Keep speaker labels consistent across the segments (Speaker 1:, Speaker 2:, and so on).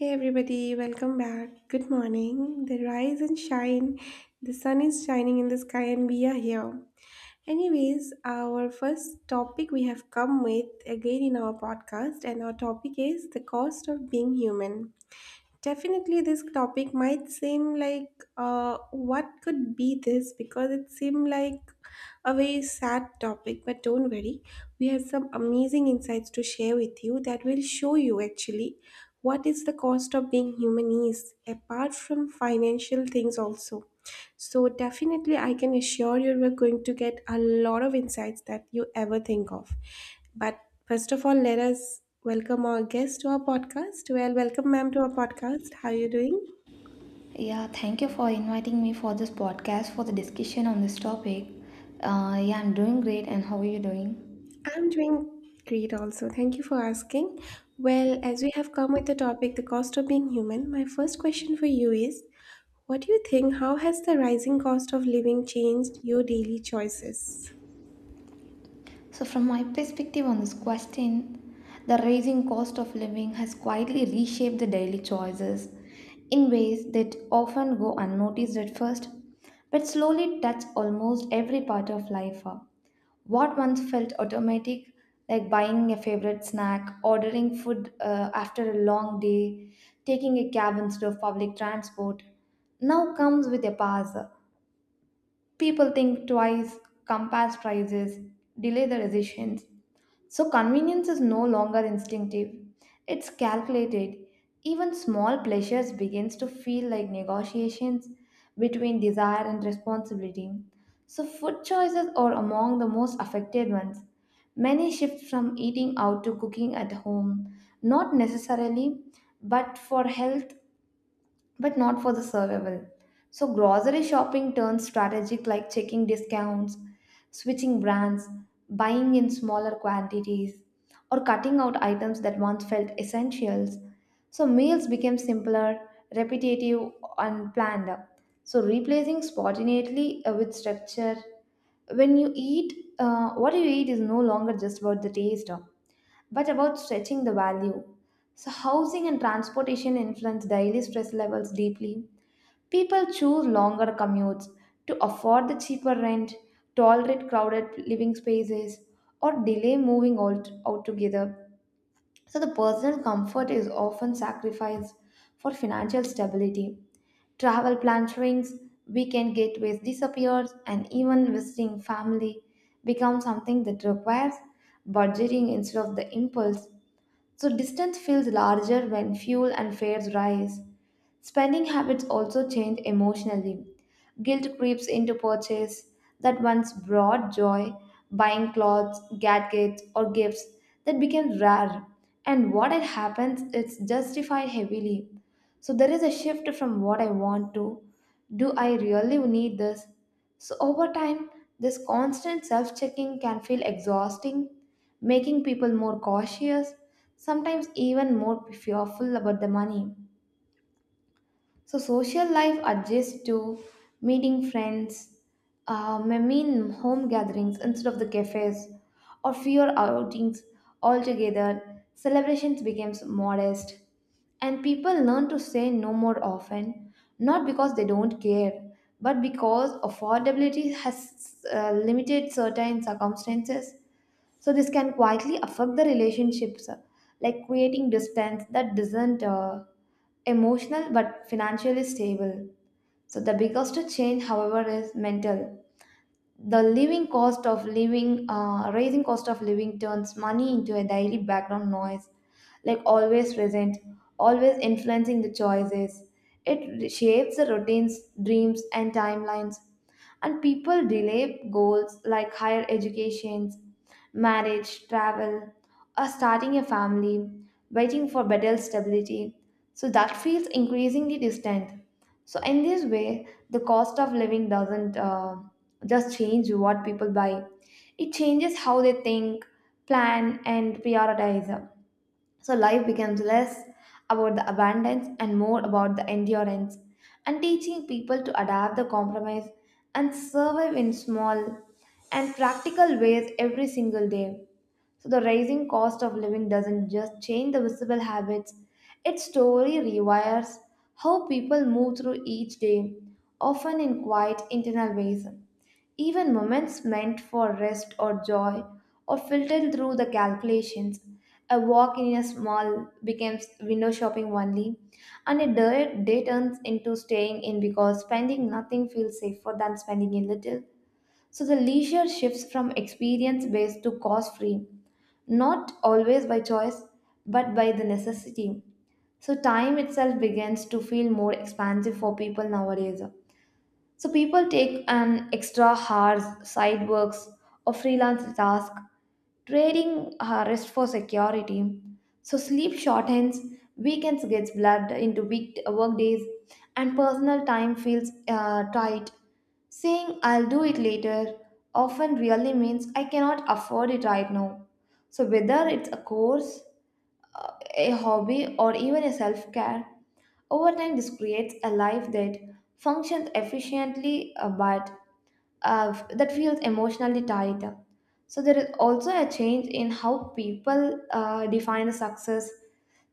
Speaker 1: Hey everybody, welcome back. Good morning. The rise and shine. The sun is shining in the sky and we are here. Anyways, our first topic we have come with again in our podcast, and our topic is the cost of being human. Definitely, this topic might seem like what could be this because it seemed like a very sad topic, but don't worry, we have some amazing insights to share with you that will show you actually what is the cost of being human is apart from financial things also. So, definitely, I can assure you we're going to get a lot of insights that you ever think of. But first of all, let us welcome our guest to our podcast. Well, welcome, ma'am, to our podcast. How are you doing?
Speaker 2: Yeah, thank you for inviting me for this podcast for the discussion on this topic. Yeah, I'm doing great, and how are you doing?
Speaker 1: I'm doing great also. Thank you for asking. Well, as we have come with the topic, the cost of being human, my first question for you is, what do you think? How has the rising cost of living changed your daily choices?
Speaker 2: So, from my perspective on this question, the rising cost of living has quietly reshaped the daily choices in ways that often go unnoticed at first, but slowly touch almost every part of life. What once felt automatic, like buying a favorite snack, ordering food after a long day, taking a cab instead of public transport, now comes with a pass. People think twice, compare prices, delay the decisions. So convenience is no longer instinctive. It's calculated. Even small pleasures begins to feel like negotiations between desire and responsibility. So food choices are among the most affected ones. Many shift from eating out to cooking at home, not necessarily, but for health but not for the survival. So, grocery shopping turns strategic like checking discounts, switching brands, buying in smaller quantities, or cutting out items that once felt essentials. So, meals became simpler, repetitive, and planned. So, replacing spontaneity with structure. When you eat, what you eat is no longer just about the taste, but about stretching the value. So, housing and transportation influence daily stress levels deeply. People choose longer commutes to afford the cheaper rent, tolerate crowded living spaces, or delay moving altogether. So, the personal comfort is often sacrificed for financial stability. Travel plan shrinks, weekend getaways disappears, and even visiting family becomes something that requires budgeting instead of the impulse. So distance feels larger when fuel and fares rise. Spending habits also change emotionally. Guilt creeps into purchase that once brought joy, buying clothes, gadgets, or gifts that became rare. And what it happens, it's justified heavily. So there is a shift from what I want to, do I really need this? So over time, this constant self checking can feel exhausting, making people more cautious, sometimes even more fearful about the money. So social life adjusts to meeting friends, I mean home gatherings instead of the cafes, or fewer outings altogether. Celebrations becomes modest, and people learn to say no more often, not because they don't care, but because affordability has limited certain circumstances. So this can quietly affect the relationships, like creating distance that isn't emotional but financially stable. So the biggest change, however, is mental. The living cost of living uh, rising cost of living turns money into a daily background noise, like always present, always influencing the choices. It shapes the routines, dreams, and timelines, and people delay goals like higher educations, marriage, travel, or starting a family, waiting for better stability, so that feels increasingly distant. So, in this way, the cost of living doesn't just change what people buy, it changes how they think, plan, and prioritize. So life becomes less about the abundance and more about the endurance, and teaching people to adapt the compromise and survive in small and practical ways every single day. So the rising cost of living doesn't just change the visible habits, its story rewires how people move through each day, often in quite internal ways. Even moments meant for rest or joy or filtered through the calculations. A walk in a small becomes window shopping only, and a dirt day turns into staying in because spending nothing feels safer than spending a little. So the leisure shifts from experience based to cost free, not always by choice, but by the necessity. So time itself begins to feel more expansive for people nowadays. So people take an extra hours, side works, or freelance task, trading rest for security. So sleep shortens, weekends gets blurred into week workdays, and personal time feels tight. Saying I'll do it later often really means I cannot afford it right now. So whether it's a course, a hobby, or even a self care. Over time, this creates a life that functions efficiently but that feels emotionally tied. So, there is also a change in how people define success.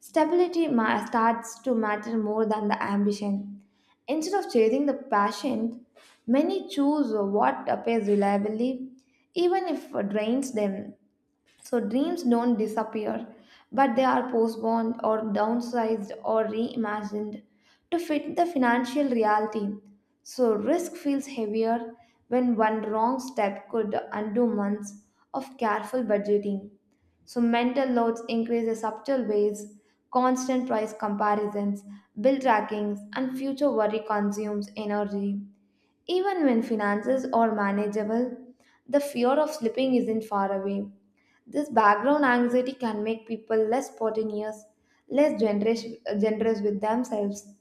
Speaker 2: Stability starts to matter more than the ambition. Instead of chasing the passion, many choose what pays reliably, even if it drains them. So dreams don't disappear, but they are postponed or downsized or reimagined to fit the financial reality. So risk feels heavier when one wrong step could undo months of careful budgeting. So mental loads increase in subtle ways, constant price comparisons, bill trackings, and future worry consumes energy. Even when finances are manageable, the fear of slipping isn't far away. This background anxiety can make people less spontaneous, less generous, generous with themselves,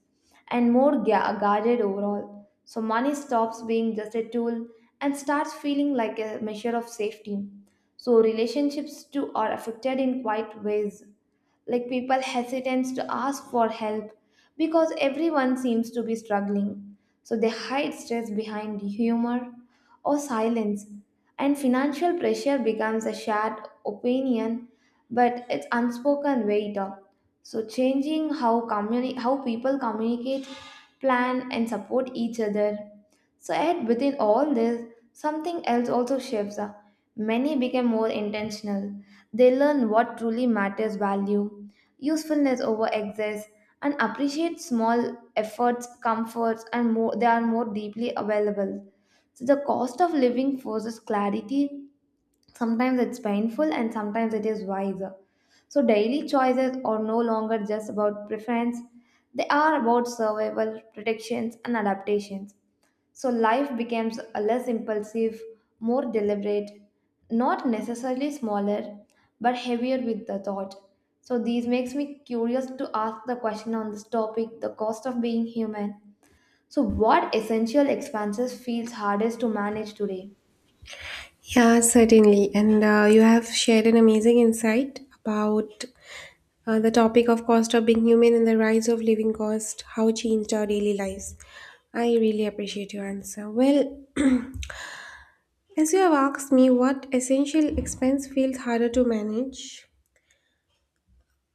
Speaker 2: and more guarded overall. So, money stops being just a tool and starts feeling like a measure of safety. So, relationships too are affected in quite ways, like people hesitant to ask for help because everyone seems to be struggling, so they hide stress behind humor or silence, and financial pressure becomes a shared opinion, but it's unspoken weight. So changing how how people communicate, plan, and support each other. So, yet within all this, something else also shifts. Many become more intentional. They learn what truly matters value, usefulness over excess, and appreciate small efforts, comforts, and more, they are more deeply available. So, the cost of living forces clarity. Sometimes it's painful, and sometimes it is wiser. So, daily choices are no longer just about preference, they are about survival, protections, and adaptations. So life becomes a less impulsive, more deliberate, not necessarily smaller, but heavier with the thought. So these makes me curious to ask the question on this topic, the cost of being human. So what essential expenses feels hardest to manage today?
Speaker 1: Yeah, certainly. And you have shared an amazing insight about the topic of cost of being human and the rise of living cost, how it changed our daily lives. I really appreciate your answer. Well, as you have asked me what essential expense feels harder to manage,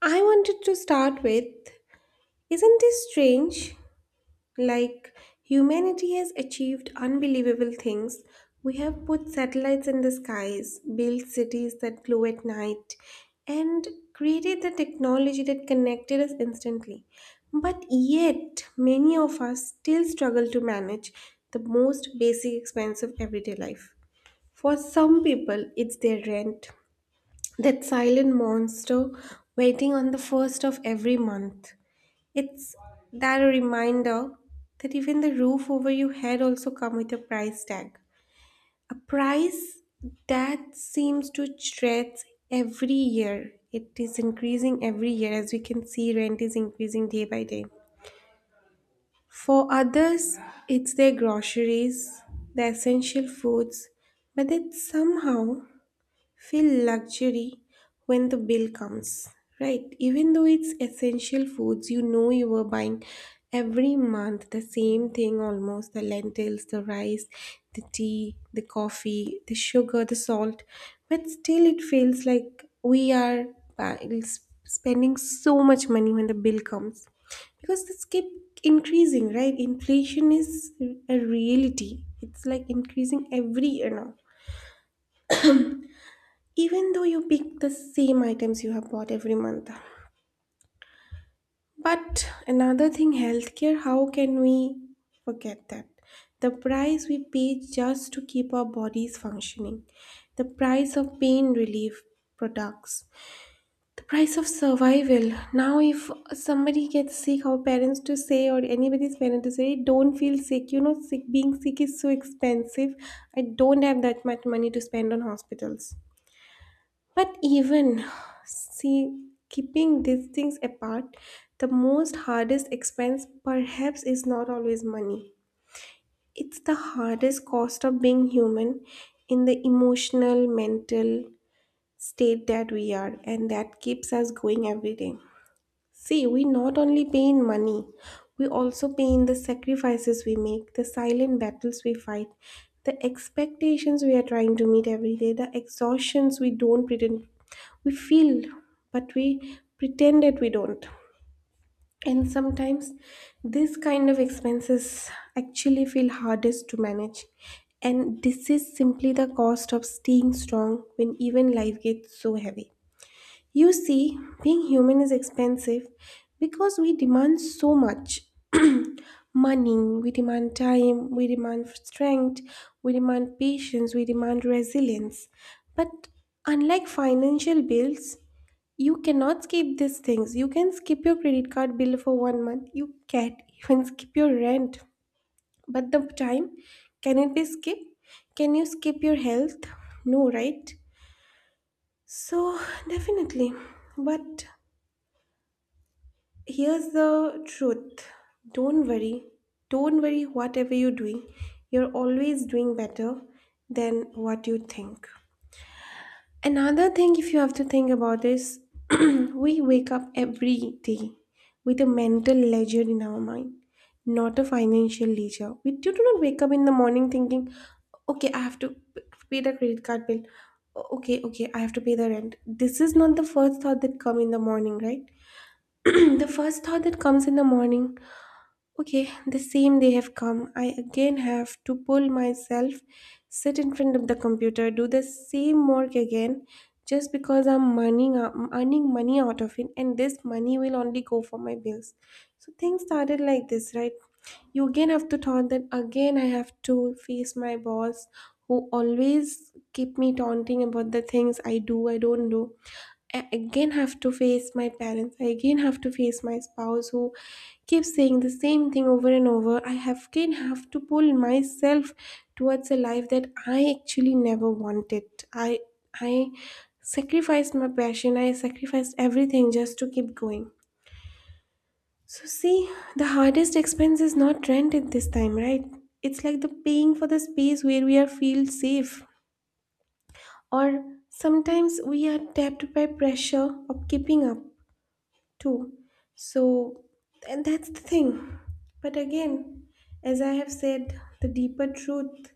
Speaker 1: I wanted to start with, isn't it strange? Like, humanity has achieved unbelievable things. We have put satellites in the skies, built cities that glow at night, and created the technology that connected us instantly. But yet, many of us still struggle to manage the most basic expense of everyday life. For some people, it's their rent, that silent monster waiting on the first of every month. It's that a reminder that even the roof over your head also come with a price tag. A price that seems to stretch every year. It is increasing every year, as we can see rent is increasing day by day. For others, it's their groceries, the essential foods, but that somehow feel luxury when the bill comes, right? Even though it's essential foods, you know you were buying every month the same thing, almost the lentils, the rice, the tea, the coffee, the sugar, the salt, but still it feels like we are bu- spending so much money when the bill comes, because this keep increasing, right? Inflation is a reality. It's like increasing every year now, even though you pick the same items you have bought every month. But another thing, healthcare, how can we forget that? The price we pay just to keep our bodies functioning, the price of pain relief products, the price of survival. Now, if somebody gets sick, our parents to say, or anybody's parent to say, don't feel sick. Sick, being sick is so expensive. I don't have that much money to spend on hospitals. But even see, keeping these things apart, the most hardest expense perhaps is not always money. It's the hardest cost of being human in the emotional, mental state that we are, and that keeps us going every day. See, we not only pay in money, we also pay in the sacrifices we make, the silent battles we fight, the expectations we are trying to meet every day, the exhaustions we don't pretend we feel, but we pretend that we don't. And sometimes this kind of expenses actually feel hardest to manage. And this is simply the cost of staying strong when even life gets so heavy. You see, being human is expensive because we demand so much money, we demand time, we demand strength, we demand patience, we demand resilience. But unlike financial bills, you cannot skip these things. You can skip your credit card bill for one month, you can't even skip your rent. But the time, can it be skipped? Can you skip your health? No, right? So, definitely. But here's the truth. Don't worry. Don't worry, whatever you're doing, you're always doing better than what you think. Another thing, if you have to think about is, we wake up every day with a mental ledger in our mind, not a financial ledger. We do not wake up in the morning thinking, okay, I have to pay the credit card bill. Okay, I have to pay the rent. This is not the first thought that come in the morning, right? The first thought that comes in the morning, okay, the same they have come. I again have to pull myself, sit in front of the computer, do the same work again, just because I'm earning money out of it, and this money will only go for my bills. So things started like this, right? You again have to thought that, again I have to face my boss who always keep me taunting about the things I do, I don't do. I again have to face my parents. I again have to face my spouse who keeps saying the same thing over and over. I have again have to pull myself towards a life that I actually never wanted. I I sacrificed my passion. I sacrificed everything just to keep going. So see, the hardest expense is not rent at this time, right? It's like the paying for the space where we are feel safe. Or sometimes we are tapped by pressure of keeping up, too. So, and that's the thing. But again, as I have said, the deeper truth,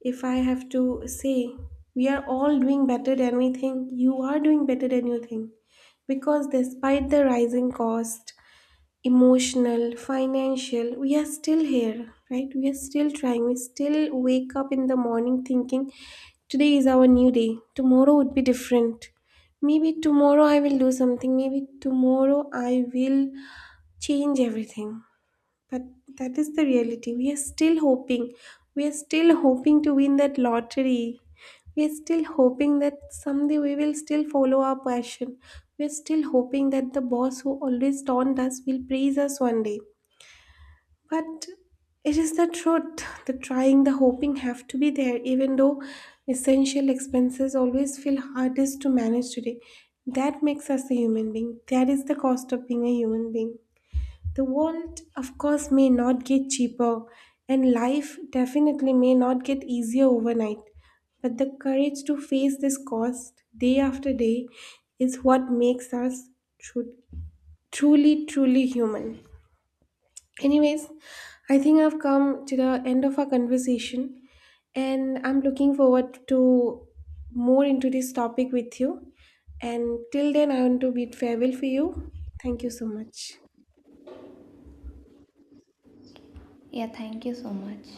Speaker 1: if I have to say, we are all doing better than we think. You are doing better than you think. Because despite the rising cost, emotional, financial, we are still here, right? We are still trying. We still wake up in the morning thinking, today is our new day. Tomorrow would be different. Maybe tomorrow I will do something. Maybe tomorrow I will change everything. That that is the reality. We are still hoping, we are still hoping to win that lottery. We are still hoping that someday we will still follow our passion. We are still hoping that the boss who always taunt us will praise us one day. But it is the truth, the trying, the hoping have to be there, even though essential expenses always feel hardest to manage today. That makes us a human being. That is the cost of being a human being. The world, of course, may not get cheaper, and life definitely may not get easier overnight. But the courage to face this cost day after day is what makes us tru- truly, truly human. Anyways, I think I've come to the end of our conversation, and I'm looking forward to more into this topic with you. And till then, I want to bid farewell for you. Thank you so much.
Speaker 2: Yeah, thank you so much.